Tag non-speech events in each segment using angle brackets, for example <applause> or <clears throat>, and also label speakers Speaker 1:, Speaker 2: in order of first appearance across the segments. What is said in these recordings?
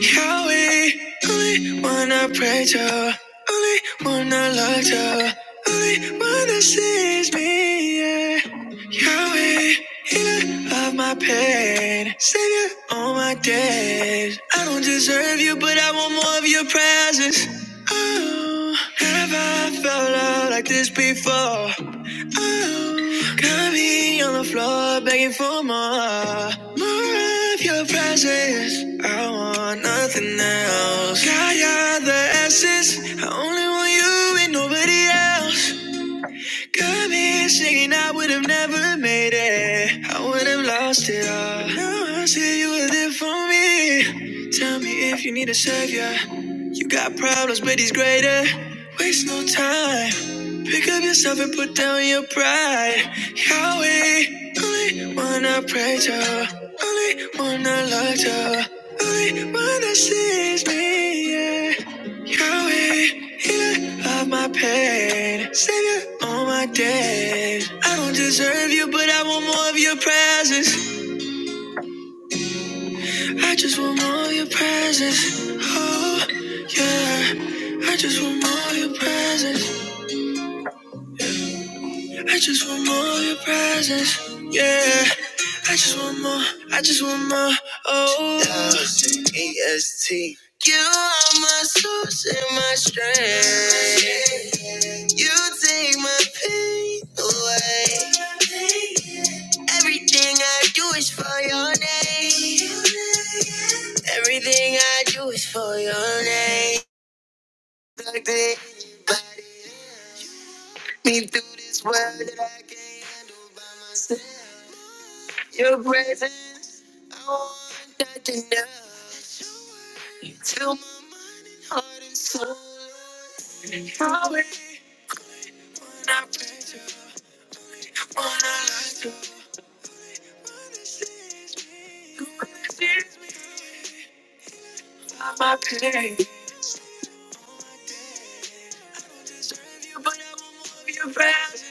Speaker 1: Yahweh, only one I pray to, only one I love to, only one that sees me. Yeah. Yahweh, healer of my pain, savior all my days. I don't deserve you, but I want more of your presence. Oh, have I felt love like this before? Oh, Got me on the floor begging for more, more of your presence. I want nothing else. Got you the essence. I only want you and nobody else. Got me singing, I would have never made it. I would have lost it all. But now I see you were there for me. Tell me if you need a savior. You got problems, but he's greater. Waste no time. Pick up yourself and put down your pride. Yahweh, only one I pray to, only one I love to, only one that sees me. Yeah. You're a healer of my pain, savior all my days. I don't deserve you, but I want more of your presence. I just want more of your presence. Oh, yeah. I just want more of your presence. I just want more of your presence. Yeah. I just want more. I just want more. Oh, yeah. you are my source and my strength. You take my pain away. Everything I do is for your name. Everything I do is for your name. Take me through this world. Your presence, I want nothing else. Fill my heart and soul. How it hurts, Tears are my pain. You put up your breath.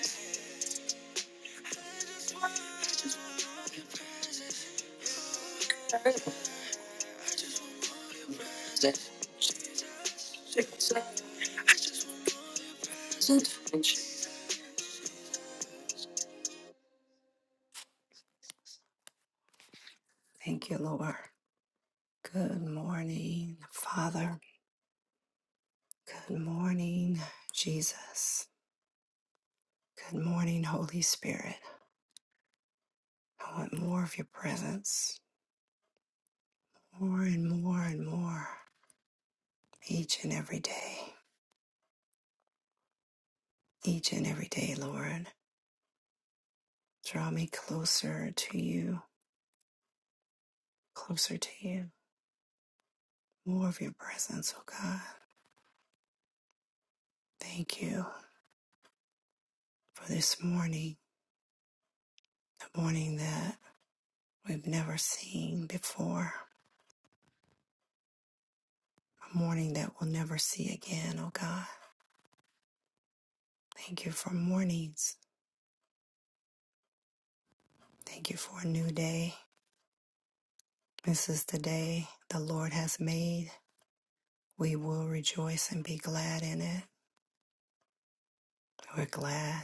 Speaker 1: Thank you, Lord. Good morning, Father. Good morning, Jesus. Good morning, Holy Spirit. I want more of your presence, more and more and more, each and every day, each and every day, Lord. Draw me closer to you, closer to you. More of your presence, oh God. Thank you for this morning, a morning that we've never seen before, a morning that we'll never see again, oh God. Thank you for mornings. Thank you for a new day. This is the day the Lord has made We will rejoice and be glad in it. We're glad.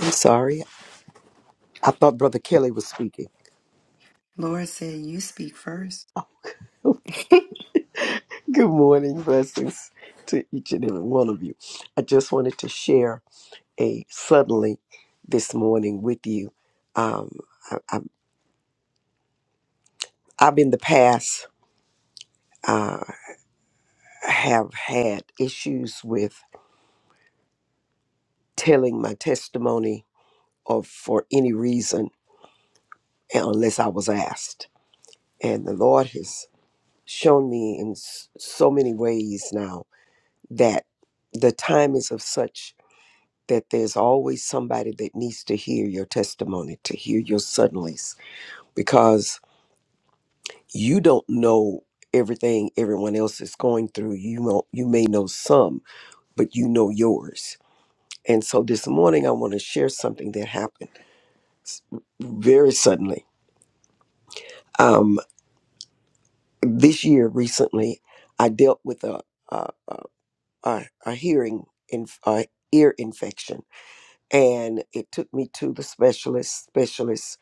Speaker 2: I'm sorry. I thought Brother Kelly was speaking. Good morning. Blessings to each and every one of you. I just wanted to share a suddenly this morning with you. Um, I, I, I've in the past uh, have had issues with telling my testimony of for any reason unless I was asked. And the Lord has shown me in s- so many ways now that the time is of such that there's always somebody that needs to hear your testimony, to hear your suddenlies, because you don't know everything everyone else is going through. You know, you may know some, but you know yours. And so this morning, I want to share something that happened s- very suddenly. Um, this year, recently, I dealt with a a, a, a a hearing in a ear infection, and it took me to the specialist. Specialist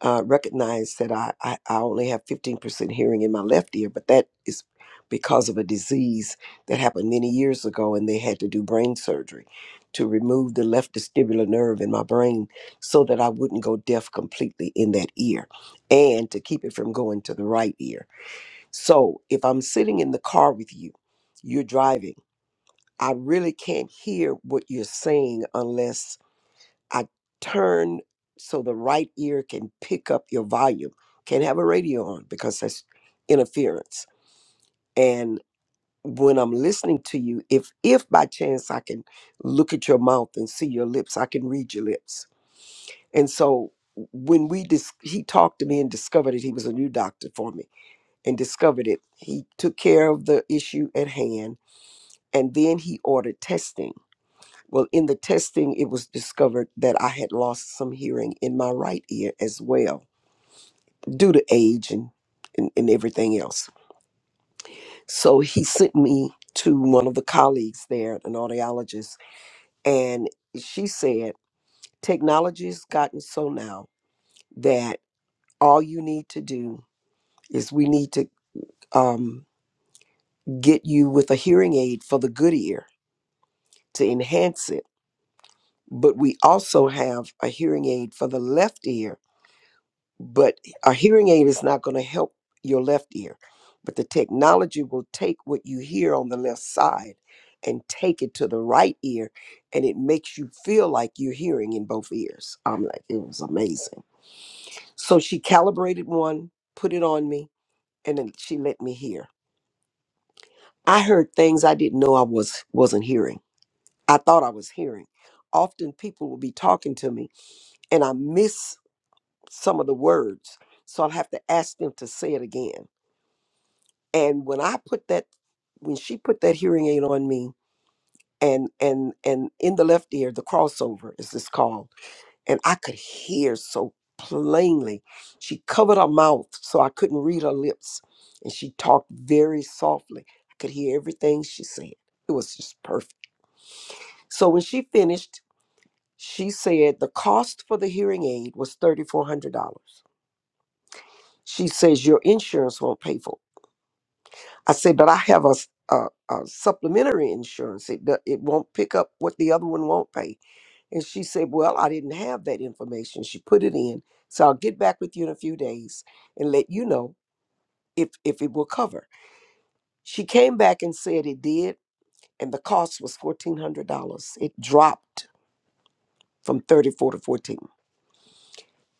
Speaker 2: uh, recognize that I, I, I only have 15% hearing in my left ear, but that is because of a disease that happened many years ago, and they had to do brain surgery to remove the left vestibular nerve in my brain so that I wouldn't go deaf completely in that ear and to keep it from going to the right ear. So if I'm sitting in the car with you, you're driving, I really can't hear what you're saying unless I turn so the right ear can pick up your volume. Can't have a radio on because that's interference. And when I'm listening to you, if if by chance I can look at your mouth and see your lips, I can read your lips. And so when we dis- he talked to me and discovered it, he was a new doctor for me and discovered it. He took care of the issue at hand, and then he ordered testing Well, in the testing, it was discovered that I had lost some hearing in my right ear as well due to age and, and, and everything else. So he sent me to one of the colleagues there, an audiologist, and she said, Technology has gotten so now that all you need to do is we need to um, get you with a hearing aid for the good ear to enhance it. But we also have a hearing aid for the left ear but a hearing aid is not going to help your left ear but the technology will take what you hear on the left side and take it to the right ear and it makes you feel like you're hearing in both ears i'm like it was amazing so she calibrated one put it on me and then she let me hear i heard things i didn't know i was wasn't hearing i thought i was hearing often people will be talking to me and i miss some of the words so i'll have to ask them to say it again And when I put that, when she put that hearing aid on me, and and and in the left ear, the crossover is this called, and I could hear so plainly. She covered her mouth so I couldn't read her lips, and she talked very softly. I could hear everything she said. It was just perfect. So when she finished, she said the cost for the hearing aid was thirty four hundred dollars. She says your insurance won't pay for it. I said, but I have a, s- a- a supplementary insurance. It, do- it won't pick up what the other one won't pay. And she said, well, I didn't have that information. She put it in. So I'll get back with you in a few days and let you know if, if it will cover. She came back and said it did. And the cost was $1,400. It dropped from 34 to 14.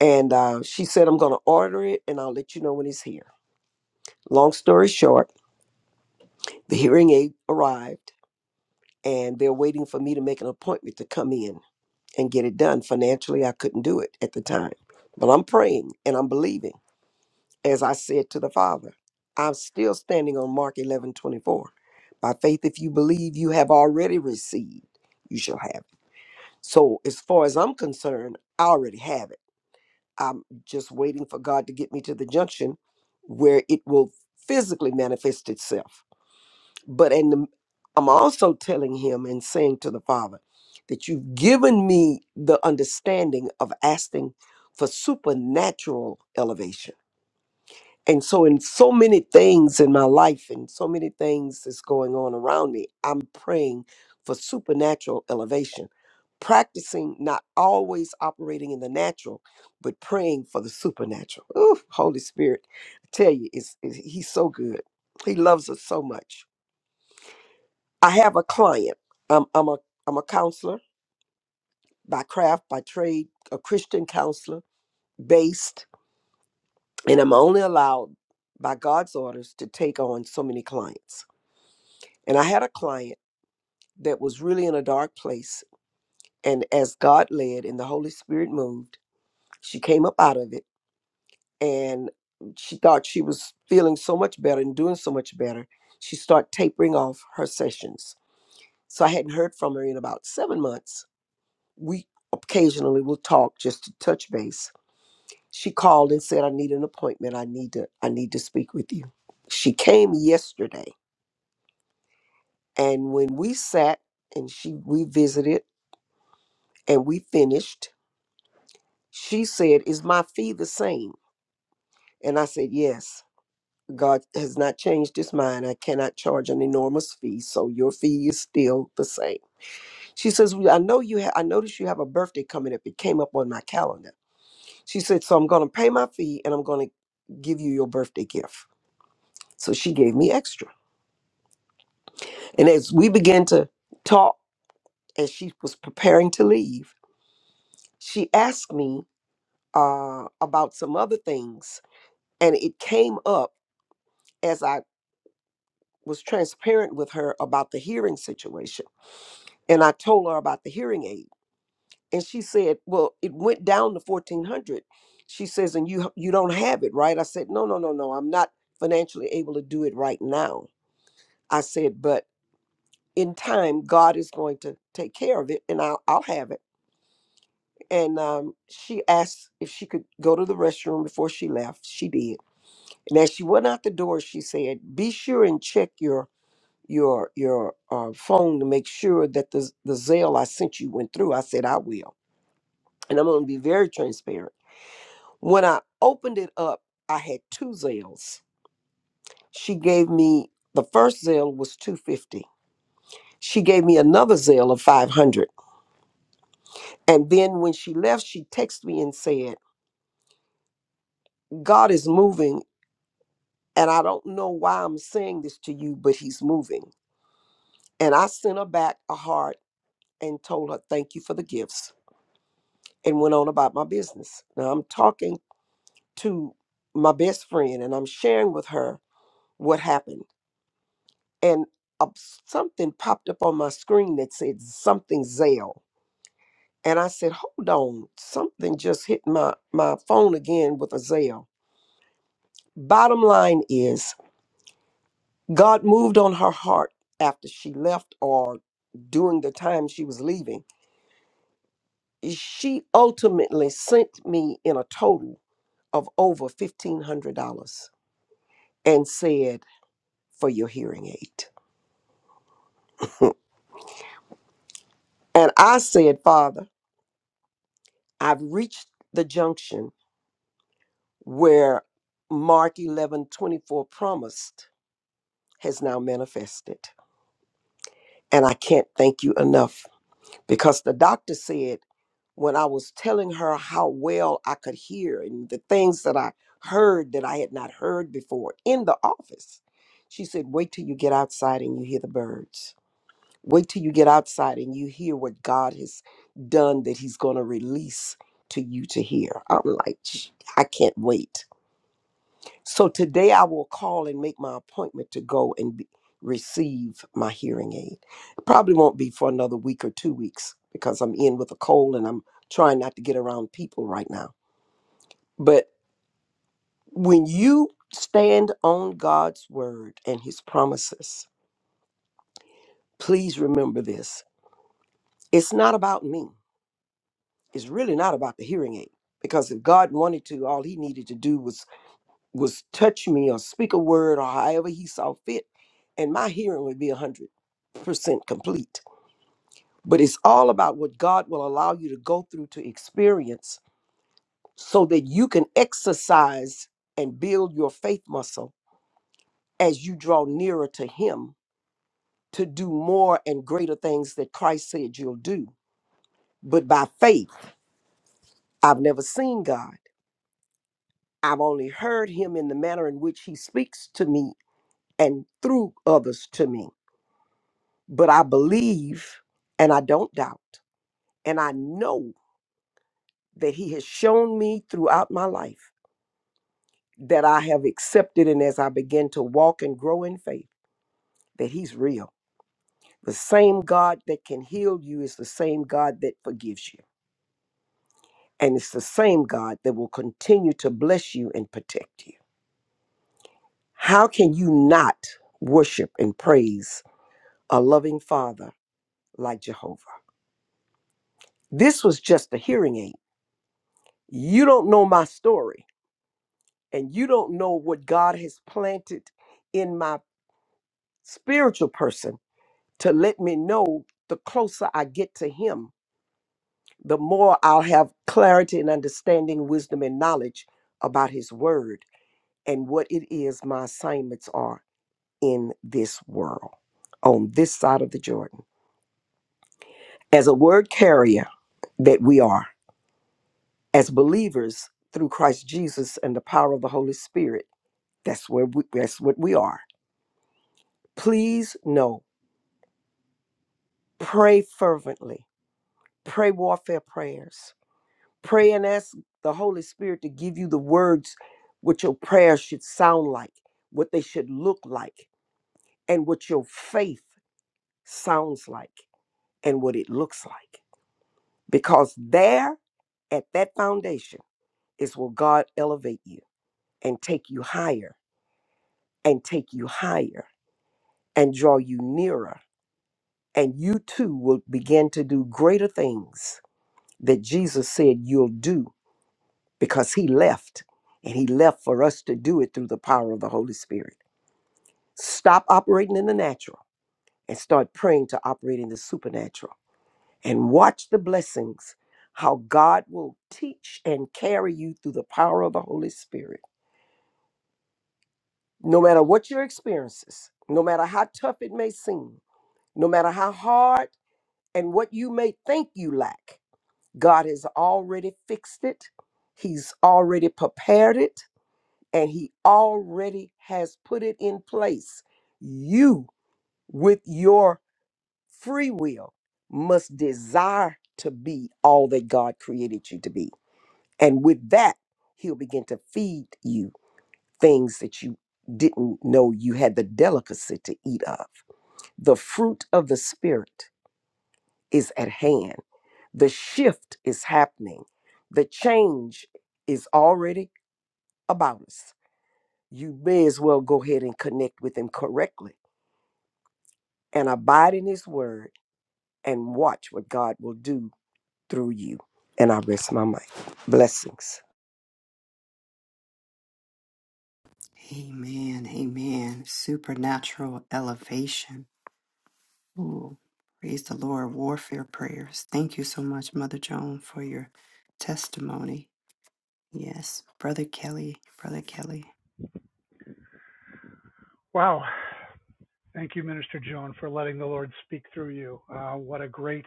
Speaker 2: And uh, she said, I'm going to order it and I'll let you know when it's here. Long story short, the hearing aid arrived and they're waiting for me to make an appointment to come in and get it done. Financially, I couldn't do it at the time, but I'm praying and I'm believing. As I said to the Father, I'm still standing on Mark 11 24 By faith, if you believe you have already received, you shall have it. So, as far as I'm concerned, I already have it. I'm just waiting for God to get me to the junction where it will physically manifest itself but in the, I'm also telling him and saying to the Father that you've given me the understanding of asking for supernatural elevation. And so, in so many things in my life and so many things that's going on around me, I'm praying for supernatural elevation, practicing not always operating in the natural, but praying for the supernatural. Ooh, Holy Spirit, I tell you, it's, it's, He's so good. He loves us so much. I have a client. I'm I'm a I'm a counselor by craft, by trade, a Christian counselor based, and I'm only allowed by God's orders to take on so many clients. And I had a client that was really in a dark place, and as God led and the Holy Spirit moved, she came up out of it, and she thought she was feeling so much better and doing so much better. She started tapering off her sessions. So I hadn't heard from her in about seven months we occasionally will talk just to touch base. She called and said, I need an appointment. I need to I need to speak with you. She came yesterday and when we sat and she we visited and we finished, she said, Is my fee the same? And I said, Yes. God has not changed his mind. I cannot charge an enormous fee, so your fee is still the same. She says, "Well, "I know you. Ha- I noticed you have a birthday coming up. It came up on my calendar." She said, So I'm going to pay my fee and I'm going to give you your birthday gift. So she gave me extra. And as we began to talk, as she was preparing to leave, she asked me uh, about some other things. And it came up as I was transparent with her about the hearing situation. And I told her about the hearing aid. And she said, Well, it went down to 1400 She says, And you, you don't have it, right? I said, No, no, no, no. I'm not financially able to do it right now I said, but in time, God is going to take care of it and I'll, I'll have it. And um, she asked if she could go to the restroom before she left. She did. And as she went out the door, she said, be sure and check your your your uh, phone to make sure that the, the Zelle I sent you went through. I said, I will. And I'm going to be very transparent. When I opened it up, I had two Zelles. She gave me, the first Zelle was 250. She gave me another Zelle of 500 And then when she left, she texted me and said, God is moving. And I don't know why I'm saying this to you, but he's moving. And I sent her back a heart and told her, Thank you for the gifts, and went on about my business. Now I'm talking to my best friend and I'm sharing with her what happened. And a- something popped up on my screen that said something Zelle. And I said, Hold on, something just hit my, my phone again with a Zelle. Bottom line is, God moved on her heart after she left or during the time she was leaving. She ultimately sent me in a total of over $1,500 and said, For your hearing aid. And I said, Father, I've reached the junction where Mark 11 24 promised has now manifested. And I can't thank you enough because the doctor said when I was telling her how well I could hear and the things that I heard that I had not heard before in the office, she said, Wait till you get outside and you hear the birds. Wait till you get outside and you hear what God has done that He's going to release to you to hear. I'm like, "Gee, I can't wait. So today I will call and make my appointment to go and be, receive my hearing aid. It probably won't be for another week or two weeks because I'm in with a cold and I'm trying not to get around people right now. But when you stand on God's word and his promises, please remember this. It's not about me. It's really not about the hearing aid because if God wanted to, all he needed to do was was touch me or speak a word or however he saw fit, and my hearing would be a hundred percent complete. But it's all about what God will allow you to go through to experience so that you can exercise and build your faith muscle as you draw nearer to him to do more and greater things that Christ said you'll do. But by faith, I've never seen God. I've only heard him in the manner in which he speaks to me and through others to me But I believe and I don't doubt. And I know that He has shown me throughout my life that I have accepted. And as I begin to walk and grow in faith, that He's real. The same God that can heal you is the same God that forgives you. And it's the same God that will continue to bless you and protect you. How can you not worship and praise a loving Father like Jehovah? This was just a hearing aid. You don't know my story and you don't know what God has planted in my spiritual person to let me know, the closer I get to Him, the more I'll have clarity and understanding, wisdom and knowledge about His Word and what it is my assignments are in this world, on this side of the Jordan. As a word carrier that we are, as believers through Christ Jesus and the power of the Holy Spirit, that's where we, that's what we are. Please know pray fervently, pray warfare prayers, pray and ask the Holy Spirit to give you the words what your prayers should sound like, what they should look like, and what your faith sounds like and what it looks like. Because there at that foundation is where God elevate you and take you higher and take you higher and draw you nearer. And you too will begin to do greater things that Jesus said you'll do because he left and he left for us to do it through the power of the Holy Spirit. Stop operating in the natural and start praying to operate in the supernatural and watch the blessings, how God will teach and carry you through the power of the Holy Spirit. No matter what your experiences, no matter how tough it may seem, no matter how hard and what you may think you lack, God has already fixed it. He's already prepared it. and he already has put it in place. You, with your free will, must desire to be all that God created you to be. And with that, he'll begin to feed you things that you didn't know you had the delicacy to eat of. The fruit of the Spirit is at hand. The shift is happening. The change is already about us. You may as well go ahead and connect with him correctly and abide in his word and watch what God will do through you. And I rest my mind. Blessings.
Speaker 3: Wow. Thank you, Minister Joan, for letting the Lord speak through you. Uh, what a great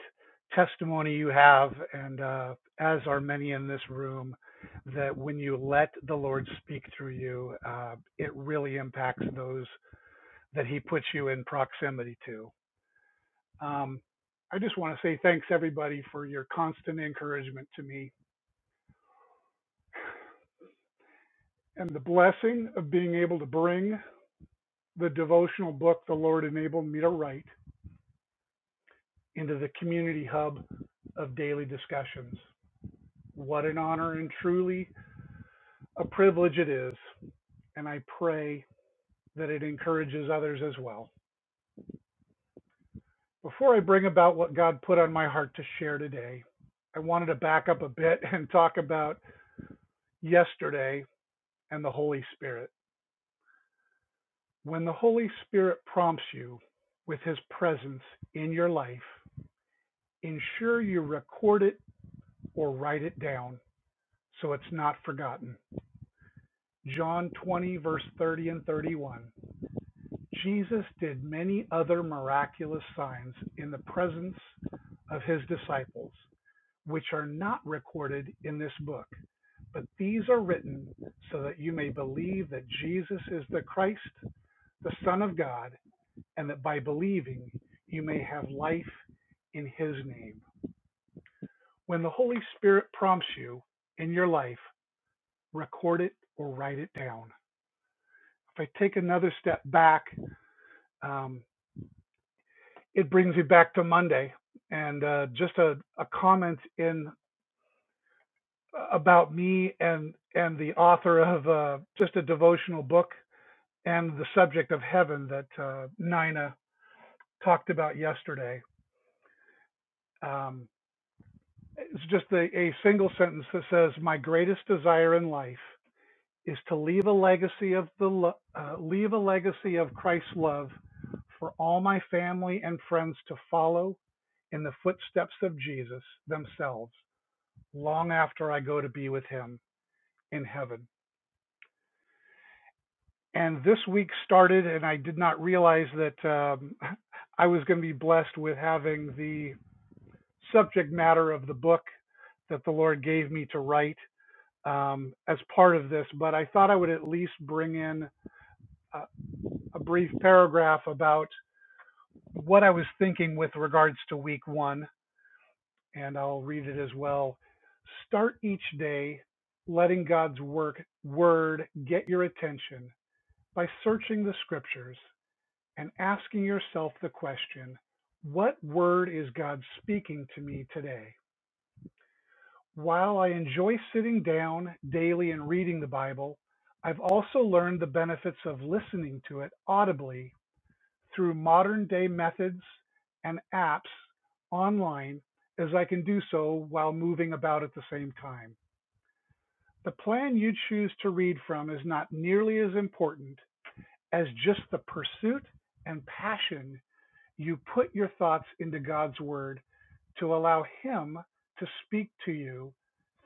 Speaker 3: testimony you have, and uh, as are many in this room, that when you let the Lord speak through you, uh, it really impacts those that He puts you in proximity to. Um, I just want to say thanks, everybody, for your constant encouragement to me and the blessing of being able to bring the devotional book the Lord enabled me to write into the community hub of daily discussions. What an honor and truly a privilege it is, and I pray that it encourages others as well. Before I bring about what God put on my heart to share today, I wanted to back up a bit <laughs> and talk about yesterday and the Holy Spirit. When the Holy Spirit prompts you with his presence in your life, ensure you record it or write it down so it's not forgotten. John 20, verse 30 and 31. Jesus did many other miraculous signs in the presence of his disciples, which are not recorded in this book, but these are written so that you may believe that Jesus is the Christ, the Son of God, and that by believing you may have life in his name. When the Holy Spirit prompts you in your life, record it or write it down. If I take another step back, um, it brings me back to Monday and uh, just a, a comment in about me and and the author of uh, just a devotional book and the subject of heaven that uh, Nina talked about yesterday. Um, it's just a, a single sentence that says, "My greatest desire in life is to leave a legacy of the lo- uh, leave a legacy of Christ's love for all my family and friends to follow in the footsteps of Jesus themselves." long after I go to be with him in heaven. And this week started, and I did not realize that um, <laughs> I was going to be blessed with having the subject matter of the book that the Lord gave me to write um, as part of this. But I thought I would at least bring in a, a brief paragraph about what I was thinking with regards to week one, and I'll read it as well. Start each day letting God's work word get your attention by searching the scriptures and asking yourself the question what word is God speaking to me today? While I enjoy sitting down daily and reading the Bible, I've also learned the benefits of listening to it audibly through modern day methods and apps online as I can do so while moving about at the same time. The plan you choose to read from is not nearly as important as just the pursuit and passion You put your thoughts into God's Word to allow Him to speak to you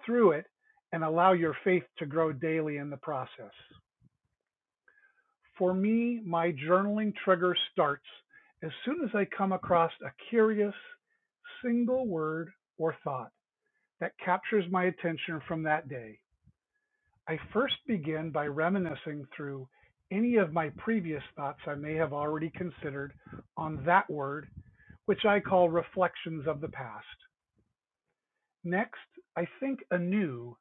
Speaker 3: through it and allow your faith to grow daily in the process. For me, my journaling trigger starts as soon as I come across a curious single word or thought that captures my attention from that day. I first begin by reminiscing through any of my previous thoughts I may have already considered on that word which I call reflections of the past. Next, I think anew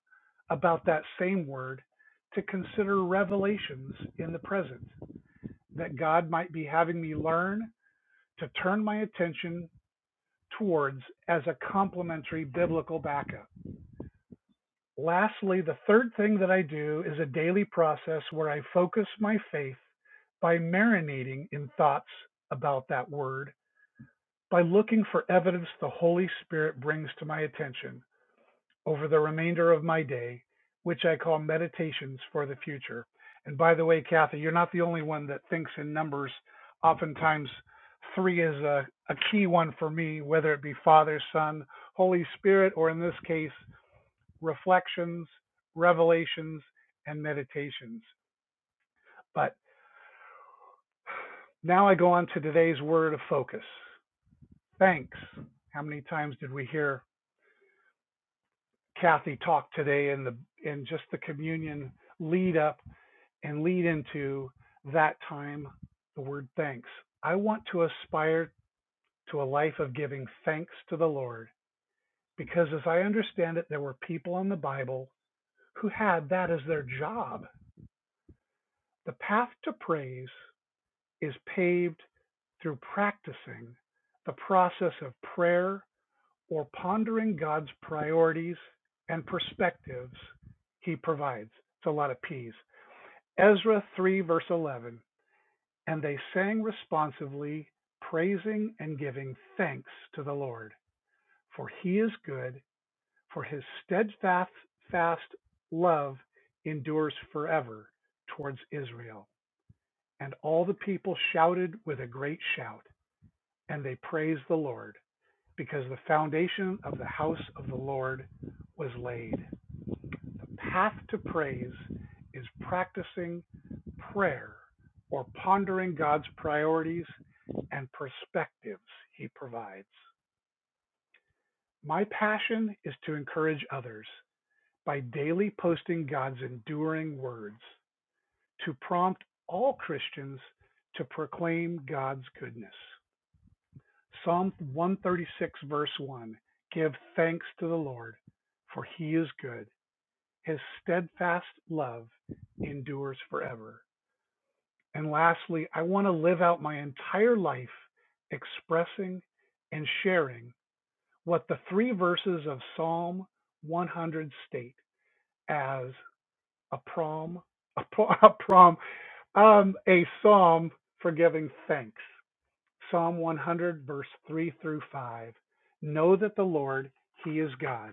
Speaker 3: about that same word to consider revelations in the present, that God might be having me learn to turn my attention towards as a complementary biblical backup. Lastly, the third thing that I do is a daily process where I focus my faith by marinating in thoughts about that word, by looking for evidence the Holy Spirit brings to my attention over the remainder of my day, which I call meditations for the future. And by the way, Kathy, you're not the only one that thinks in numbers. Oftentimes, three is a, a key one for me, whether it be Father, Son, Holy Spirit, or in this case, reflections, revelations, and meditations. But now I go on to today's word of focus thanks. How many times did we hear Kathy talk today in the in just the communion lead up and lead into that time the word thanks. I want to aspire to a life of giving thanks to the Lord because, as I understand it, there were people in the Bible who had that as their job. The path to praise is paved through practicing the process of prayer or pondering God's priorities and perspectives He provides. It's a lot of P's. Ezra 3, verse 11. And they sang responsively, praising and giving thanks to the Lord, for he is good, for his steadfast fast love endures forever towards Israel. And all the people shouted with a great shout, and they praised the Lord, because the foundation of the house of the Lord was laid. The path to praise is practicing prayer or pondering God's priorities and perspectives He provides. My passion is to encourage others by daily posting God's enduring words to prompt all Christians to proclaim God's goodness. Psalm 136, verse 1 Give thanks to the Lord, for he is good. His steadfast love endures forever. And lastly, I want to live out my entire life expressing and sharing what the three verses of Psalm 100 state as a prom, a, <laughs> a prom, um, a psalm for giving thanks. Psalm 100, verse 3 through 5. Know that the Lord, He is God.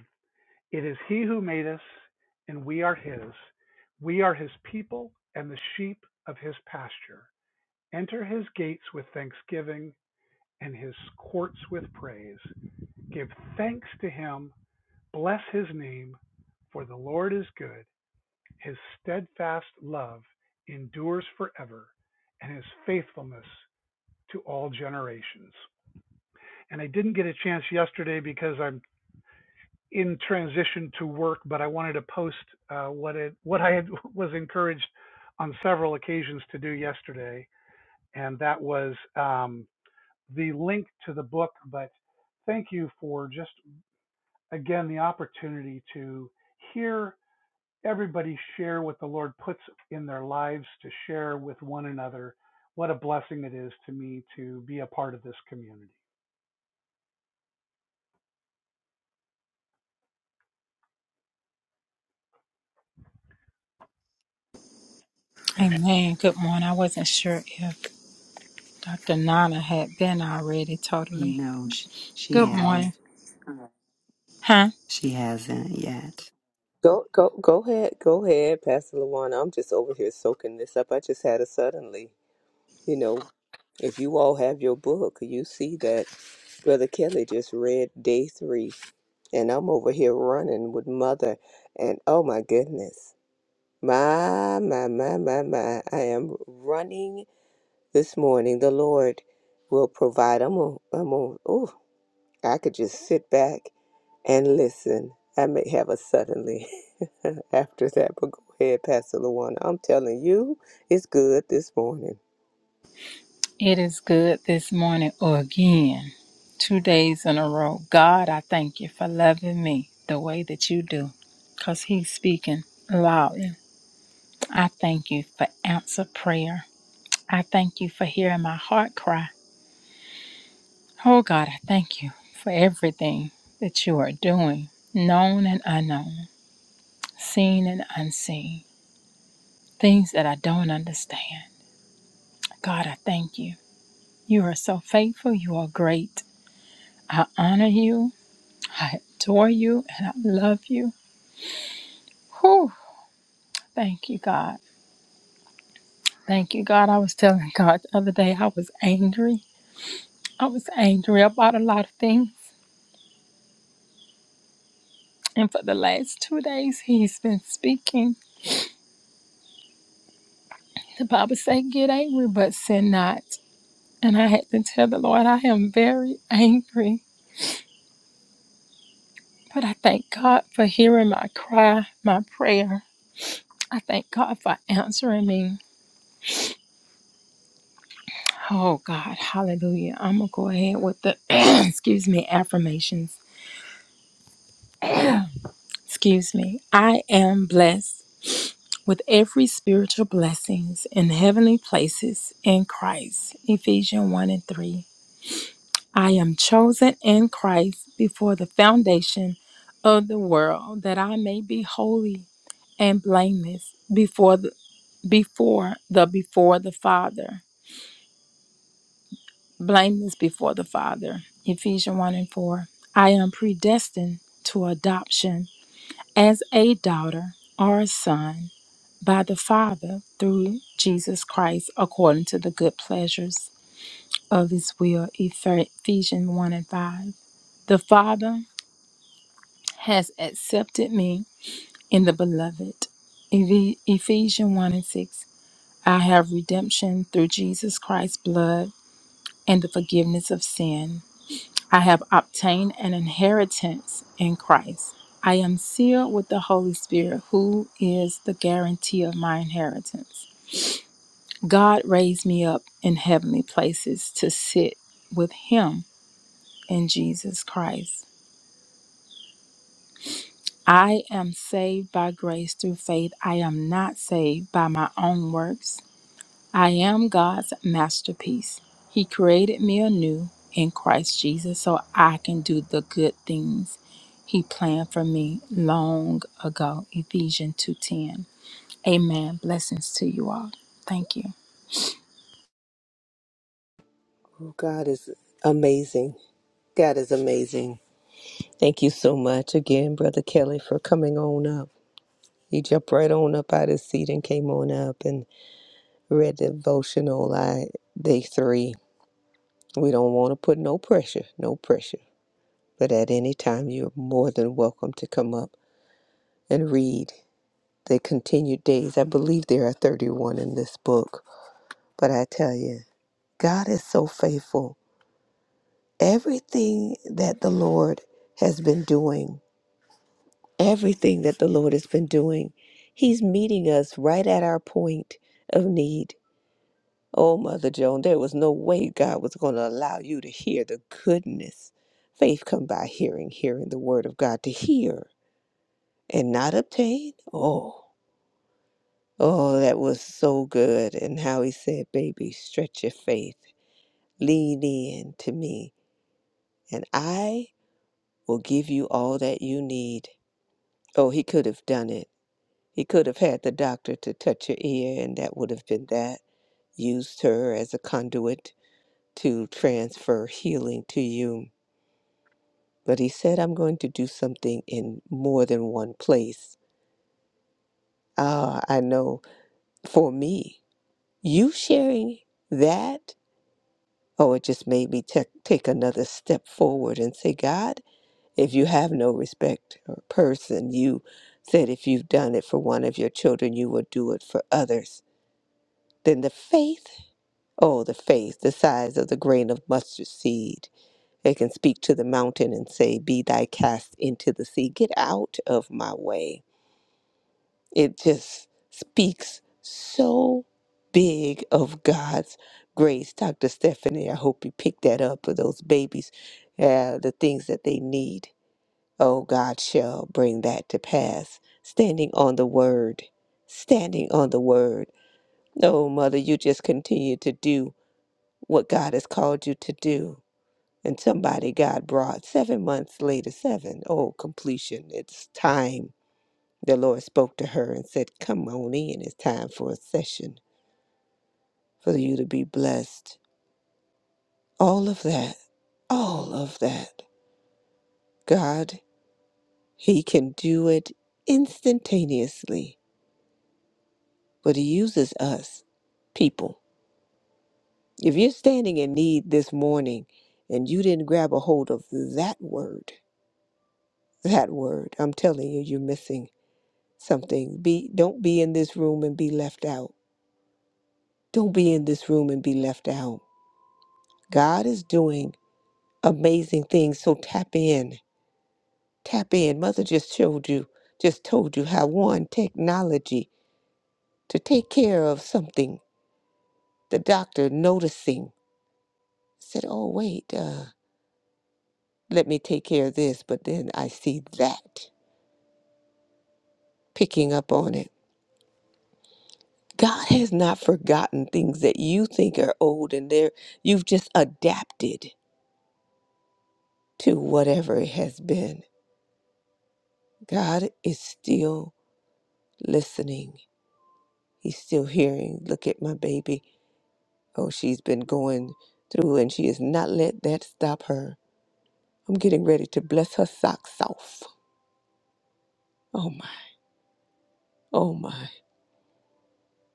Speaker 3: It is He who made us, and we are His. We are His people and the sheep of His pasture. Enter his gates with thanksgiving, and his courts with praise. Give thanks to him, bless his name, for the Lord is good. His steadfast love endures forever, and his faithfulness to all generations. And I didn't get a chance yesterday because I'm in transition to work, but I wanted to post uh, what it what I had, <laughs> was encouraged on several occasions to do yesterday, and that was. Um, the link to the book, but thank you for just again the opportunity to hear everybody share what the Lord puts in their lives to share with one another. What a blessing it is to me to be a part of this community. And
Speaker 4: Amen. Good morning. I wasn't sure if Dr. Nana had been already totally. Good morning. Huh?
Speaker 5: Go go go ahead, go ahead, Pastor Lawana. I'm just over here soaking this up. I just had a suddenly, you know, if you all have your book, you see that Brother Kelly just read day three, and I'm over here running with mother, and oh my goodness, my my my my my, I am running this morning. The Lord will provide. I'm on. I'm on. Oh, I could just sit back and listen, I may have a suddenly <laughs> after that, but go ahead, Pastor Luana. I'm telling you, it's good this morning.
Speaker 4: It is good this morning again. Two days in a row. God, I thank you for loving me the way that you do. Because he's speaking loudly. I thank you for answer prayer. I thank you for hearing my heart cry. Oh God, I thank you for everything that you are doing, known and unknown, seen and unseen. things that I don't understand. God, I thank you. You are so faithful. You are great. I honor you. I adore you and I love you. Whew. Thank you, God. Thank you, God. I was telling God the other day I was angry. I was angry about a lot of things. And for the last two days, He's been speaking. The Bible says, Get angry, but sin not. And I had to tell the Lord, I am very angry. But I thank God for hearing my cry, my prayer. I thank God for answering me. Oh God, hallelujah. I'm going to go ahead with the, <clears throat> excuse me, affirmations. Excuse me. I am blessed with every spiritual blessings in heavenly places in Christ. Ephesians 1 and 3. I am chosen in Christ before the foundation of the world that I may be holy and blameless before the, before the before the Father. blameless before the Father. Ephesians 1 and 4. I am predestined to adoption as a daughter or a son by the Father through Jesus Christ according to the good pleasures of his will. Ephesians 1 and 5. The Father has accepted me in the beloved. Eph- Ephesians 1 and 6. I have redemption through Jesus Christ's blood and the forgiveness of sin. I have obtained an inheritance in Christ. I am sealed with the Holy Spirit, who is the guarantee of my inheritance. God raised me up in heavenly places to sit with Him in Jesus Christ. I am saved by grace through faith. I am not saved by my own works. I am God's masterpiece. He created me anew in Christ Jesus so I can do the good things he planned for me long ago. Ephesians 2:10. Amen. Blessings to you all. Thank you.
Speaker 5: Oh, God is amazing. God is amazing. Thank you so much again, Brother Kelly, for coming on up. He jumped right on up out of his seat and came on up and read the devotional I, day three. We don't want to put no pressure, no pressure. But at any time, you're more than welcome to come up and read. the continued days. I believe there are 31 in this book. But I tell you, God is so faithful. Everything that the Lord has been doing, everything that the Lord has been doing, He's meeting us right at our point of need. Oh, Mother Joan, there was no way God was going to allow you to hear the goodness. Faith come by hearing, hearing the word of God to hear and not obtain. Oh. Oh, that was so good. And how he said, Baby, stretch your faith, lean in to me, and I will give you all that you need. Oh, he could have done it. He could have had the doctor to touch her ear, and that would have been that. Used her as a conduit to transfer healing to you. But he said, I'm going to do something in more than one place. Ah, I know for me, you sharing that Oh, it just made me take take another step forward and say, God, if you have no respect or person, you said if you've done it for one of your children, you will do it for others. Then the faith, oh, the faith, the size of the grain of mustard seed, it can speak to the mountain and say, Be thy cast into the sea. Get out of my way. It just speaks so big of God's grace. Dr. Stephanie, I hope you picked that up for those babies, uh, the things that they need. Oh, God shall bring that to pass. Standing on the word, standing on the word. No, Mother, you just continue to do what God has called you to do. And somebody God brought seven months later, seven. Oh, completion. It's time the Lord spoke to her and said, Come on in, it's time for a session for you to be blessed. All of that, all of that. God, He can do it instantaneously, but He uses us, people. If you're standing in need this morning and you didn't grab a hold of that word, that word, I'm telling you, you're missing something. Be don't be in this room and be left out. Don't be in this room and be left out. God is doing amazing things. So tap in, tap in. Mother just showed you, just told you how one technology to take care of something. The doctor noticing said, "Oh wait, uh, let me take care of this," but then I see that picking up on it. God has not forgotten things that you think are old, and there you've just adapted to whatever it has been. God is still listening. He's still hearing. Look at my baby. Oh, she's been going through and she has not let that stop her. I'm getting ready to bless her socks off. Oh my, oh my.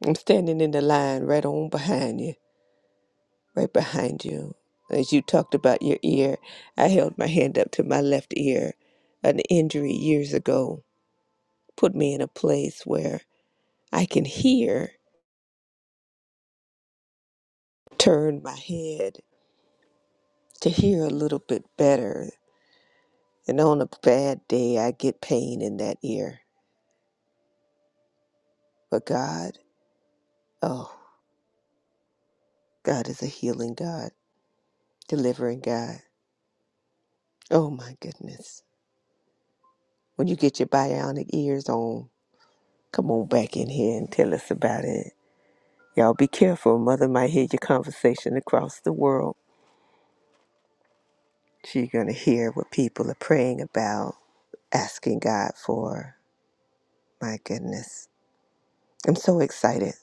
Speaker 5: I'm standing in the line right on behind you, right behind you. As you talked about your ear, I held my hand up to my left ear. An injury years ago put me in a place where I can hear, turn my head to hear a little bit better. And on a bad day, I get pain in that ear. But God, oh. God is a healing God, delivering God. Oh my goodness. When you get your bionic ears on, come on back in here and tell us about it. Y'all be careful. Mother might hear your conversation across the world. She's going to hear what people are praying about, asking God for. My goodness. I'm so excited.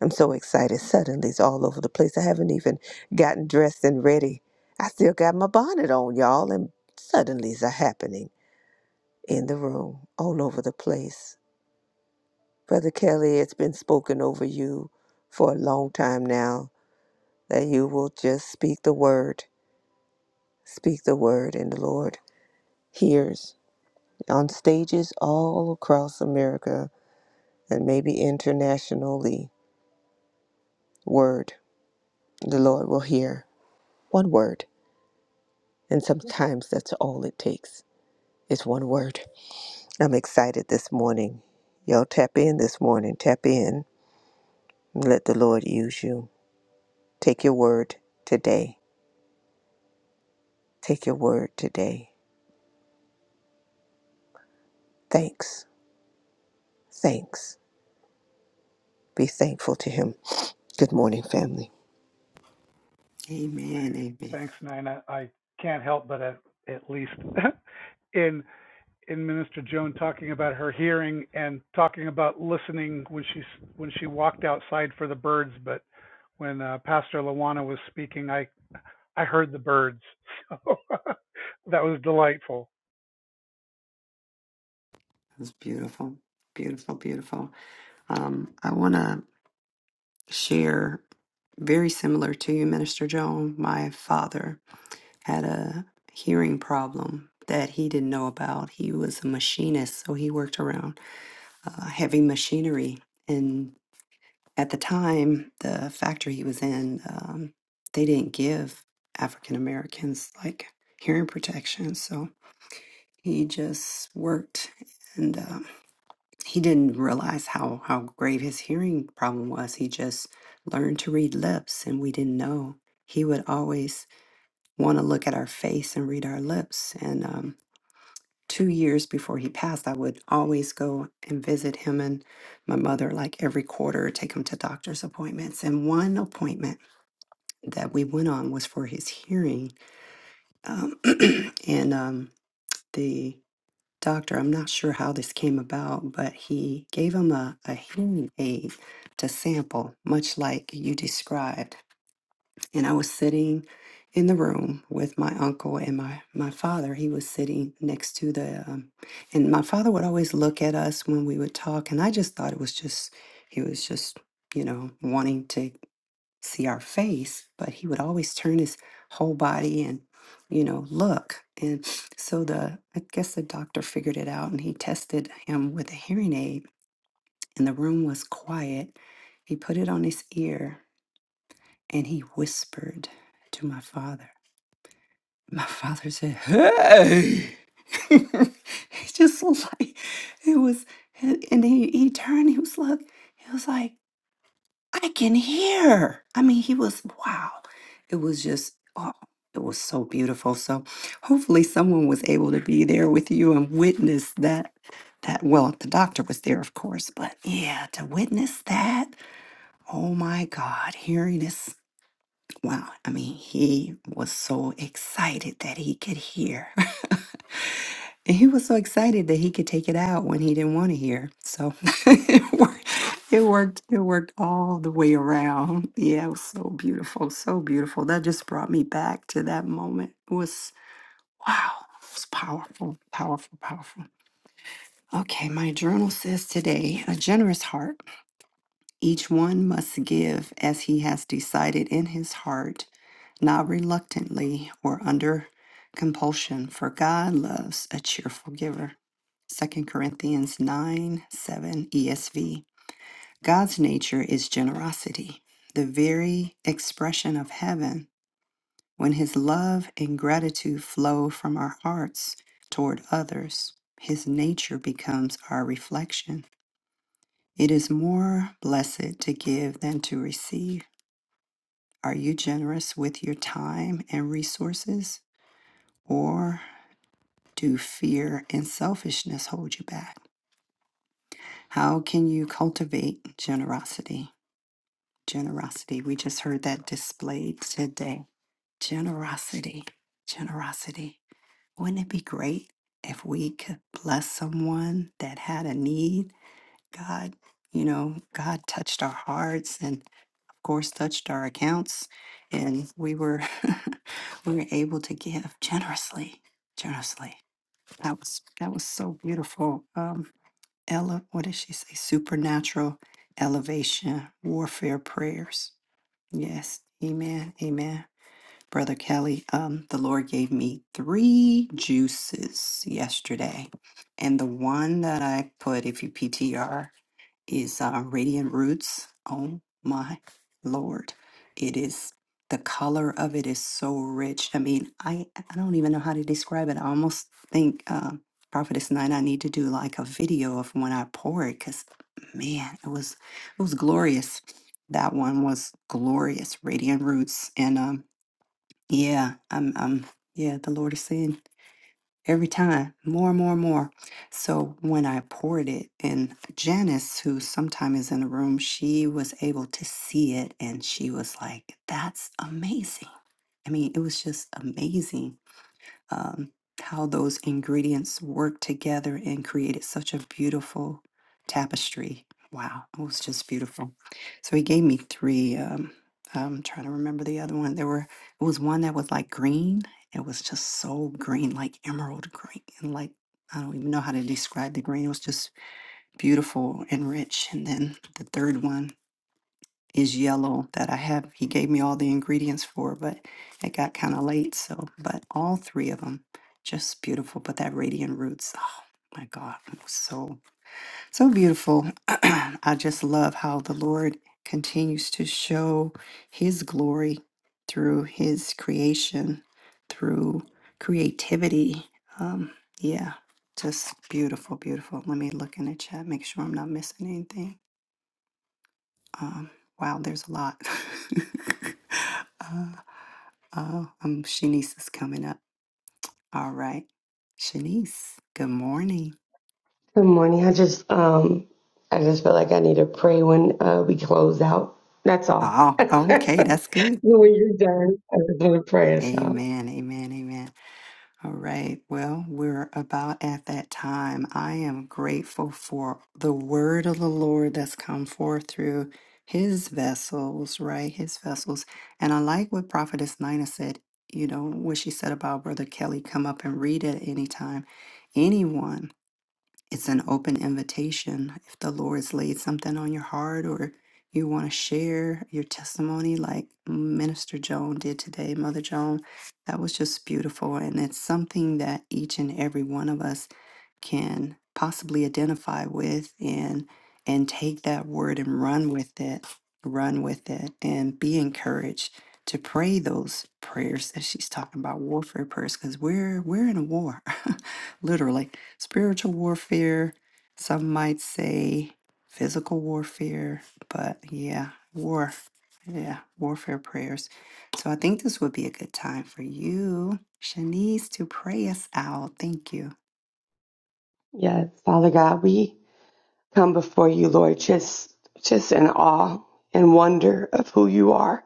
Speaker 5: I'm so excited. Suddenly it's all over the place. I haven't even gotten dressed and ready. I still got my bonnet on, y'all, and suddenlies are happening. in the room, all over the place. Brother Kelly, it's been spoken over you for a long time now that you will just speak the word, speak the word, and the Lord hears on stages all across America and maybe internationally. Word, the Lord will hear one word, and sometimes that's all it takes is one word. I'm excited this morning. Y'all tap in this morning, tap in, and let the Lord use you. Take your word today. Take your word today. Thanks. Thanks. Be thankful to Him. Good morning, family.
Speaker 3: thanks, Nina. I can't help but at, at least <laughs> in in Minister Joan talking about her hearing and talking about listening when she when she walked outside for the birds, but when uh, Pastor Lawana was speaking, I. I heard the birds. So <laughs> that was delightful.
Speaker 6: Good morning. I just um I just feel like I need to pray when uh we close out. That's all. <laughs> when you're done, I just want to pray us out. Yes, Father God, we come before you, Lord, just just in awe and wonder of who you are.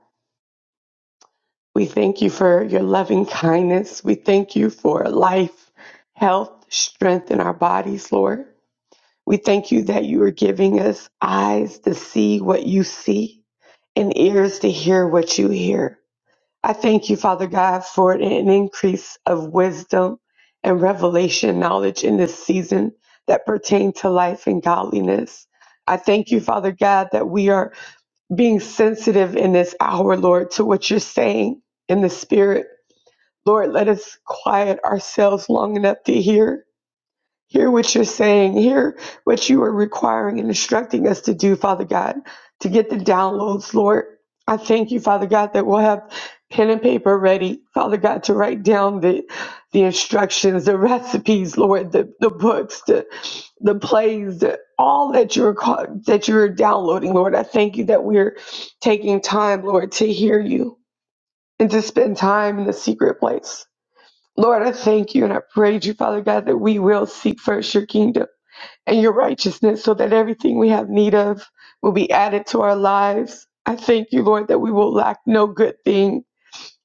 Speaker 6: We thank you for your loving kindness. We thank you for life, health, strength in our bodies, Lord. We thank you that you are giving us eyes to see what you see and ears to hear what you hear. I thank you, Father God, for an increase of wisdom and revelation knowledge in this season that pertain to life and godliness. I thank you, Father God, that we are being sensitive in this hour, Lord, to what you're saying in the spirit. Lord, let us quiet ourselves long enough to hear Hear what you're saying. Hear what you are requiring and instructing us to do, Father God, to get the downloads, Lord. I thank you, Father God, that we'll have pen and paper ready, Father God, to write down the the instructions, the recipes, Lord, the, the books, the the plays, the, all that you're ca- that you're downloading, Lord. I thank you that we're taking time, Lord, to hear you and to spend time in the secret place. Lord, I thank you and I praise you, Father God, that we will seek first your kingdom and your righteousness so that everything we have need of will be added to our lives. I thank you, Lord, that we will lack no good thing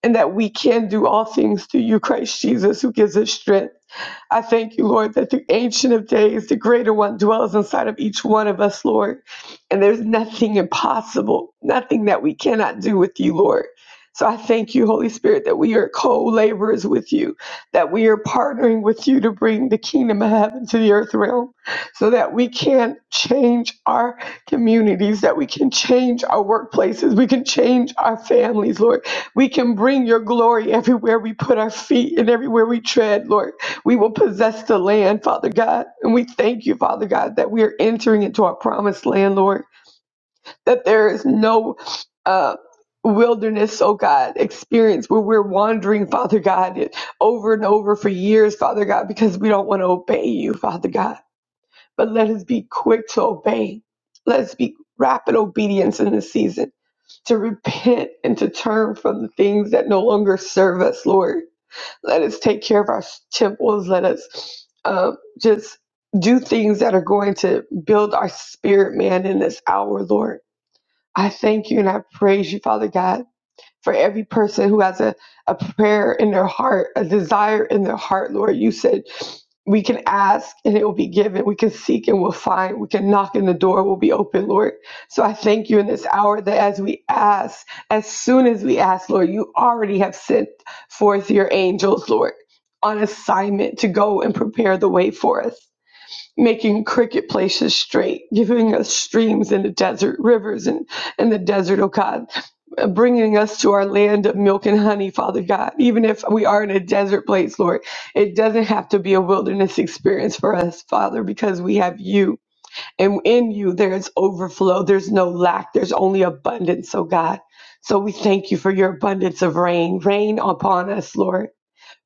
Speaker 6: and that we can do all things through you, Christ Jesus, who gives us strength. I thank you, Lord, that the Ancient of Days, the Greater One, dwells inside of each one of us, Lord. And there's nothing impossible, nothing that we cannot do with you, Lord. So I thank you, Holy Spirit, that we are co laborers with you, that we are partnering with you to bring the kingdom of heaven to the earth realm, so that we can change our communities, that we can change our workplaces, we can change our families, Lord. We can bring your glory everywhere we put our feet and everywhere we tread, Lord. We will possess the land, Father God. And we thank you, Father God, that we are entering into our promised land, Lord, that there is no uh, wilderness, oh God, experience where we're wandering, Father God, it- over and over for years, Father God, because we don't want to obey you, Father God. But let us be quick to obey. Let us be rapid obedience in this season to repent and to turn from the things that no longer serve us, Lord let us take care of our temples. Let us um, just do things that are going to build our spirit, man, in this hour, Lord. I thank you and I praise you, Father God for every person who has a, a prayer in their heart, a desire in their heart, Lord. You said we can ask and it will be given. We can seek and we'll find. We can knock and the door will be open, Lord. So I thank you in this hour that as we ask, as soon as we ask, Lord, you already have sent forth your angels, Lord, on assignment to go and prepare the way for us making cricket places straight, giving us streams in the desert, rivers in, in the desert, oh God, uh, bringing us to our land of milk and honey, Father God. Even if we are in a desert place, Lord, it doesn't have to be a wilderness experience for us, Father, because we have you. And in you, there is overflow, there's no lack, there's only abundance, oh God. So we thank you for your abundance of rain. Rain upon us, Lord.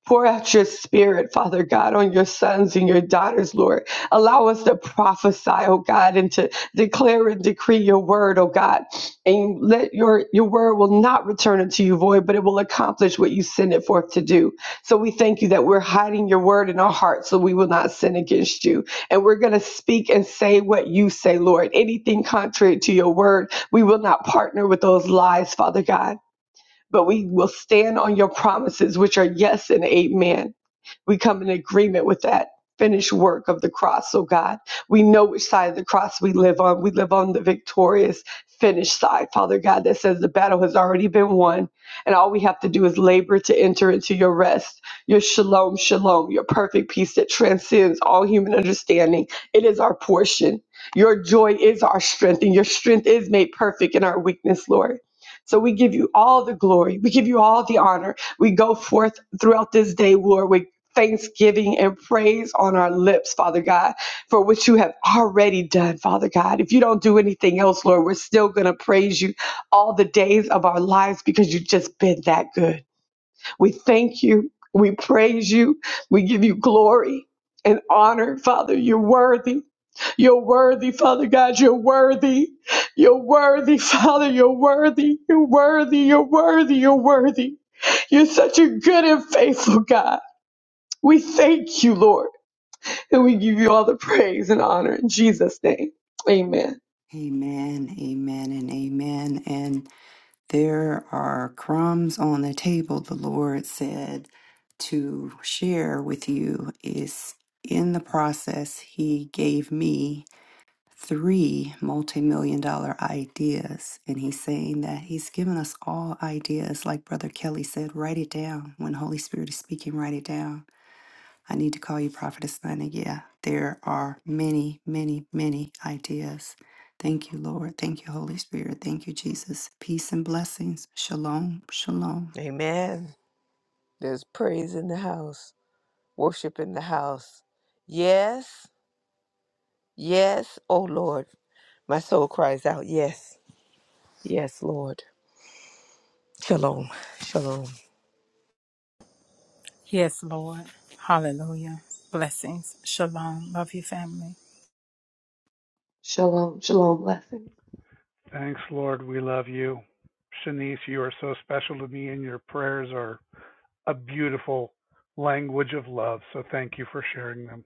Speaker 6: Pour out your spirit, Father God, on your sons and your daughters, Lord. Allow us to prophesy, oh God, and to declare and decree your word, oh God. And let your, your word will not return unto you void, but it will accomplish what you send it forth to do. So we thank you that we're hiding your word in our hearts so we will not sin against you. And we're going to speak and say what you say, Lord. Anything contrary to your word, we will not partner with those lies, Father God but we will stand on your promises, which are yes and amen. We come in agreement with that finished work of the cross, oh God. We know which side of the cross we live on. We live on the victorious, finished side, Father God, that says the battle has already been won, and all we have to do is labor to enter into your rest, your shalom, shalom, your perfect peace that transcends all human understanding. It is our portion. Your joy is our strength, and your strength is made perfect in our weakness, Lord. So we give you all the glory. We give you all the honor. We go forth throughout this day, Lord, with thanksgiving and praise on our lips, Father God, for what you have already done, Father God. If you don't do anything else, Lord, we're still going to praise you all the days of our lives because you've just been that good. We thank you. We praise you. We give you glory and honor, Father. You're worthy. You're worthy, Father God. You're worthy. You're worthy, Father. You're worthy. You're worthy. You're worthy. You're worthy. You're such a good and faithful God. We thank you, Lord, and we give you all the praise and honor in Jesus' name. Amen.
Speaker 5: Amen. There's praise in the house, worship in the house. Yes, yes, oh Lord. My soul cries out, yes, yes, Lord. Shalom, shalom.
Speaker 4: Yes, Lord. Hallelujah. Blessings. Shalom. Love you family.
Speaker 6: Shalom, shalom, blessings.
Speaker 3: Thanks, Lord. We love you. Shanice, you are so special to me, and your prayers are a beautiful language of love. So thank you for sharing them.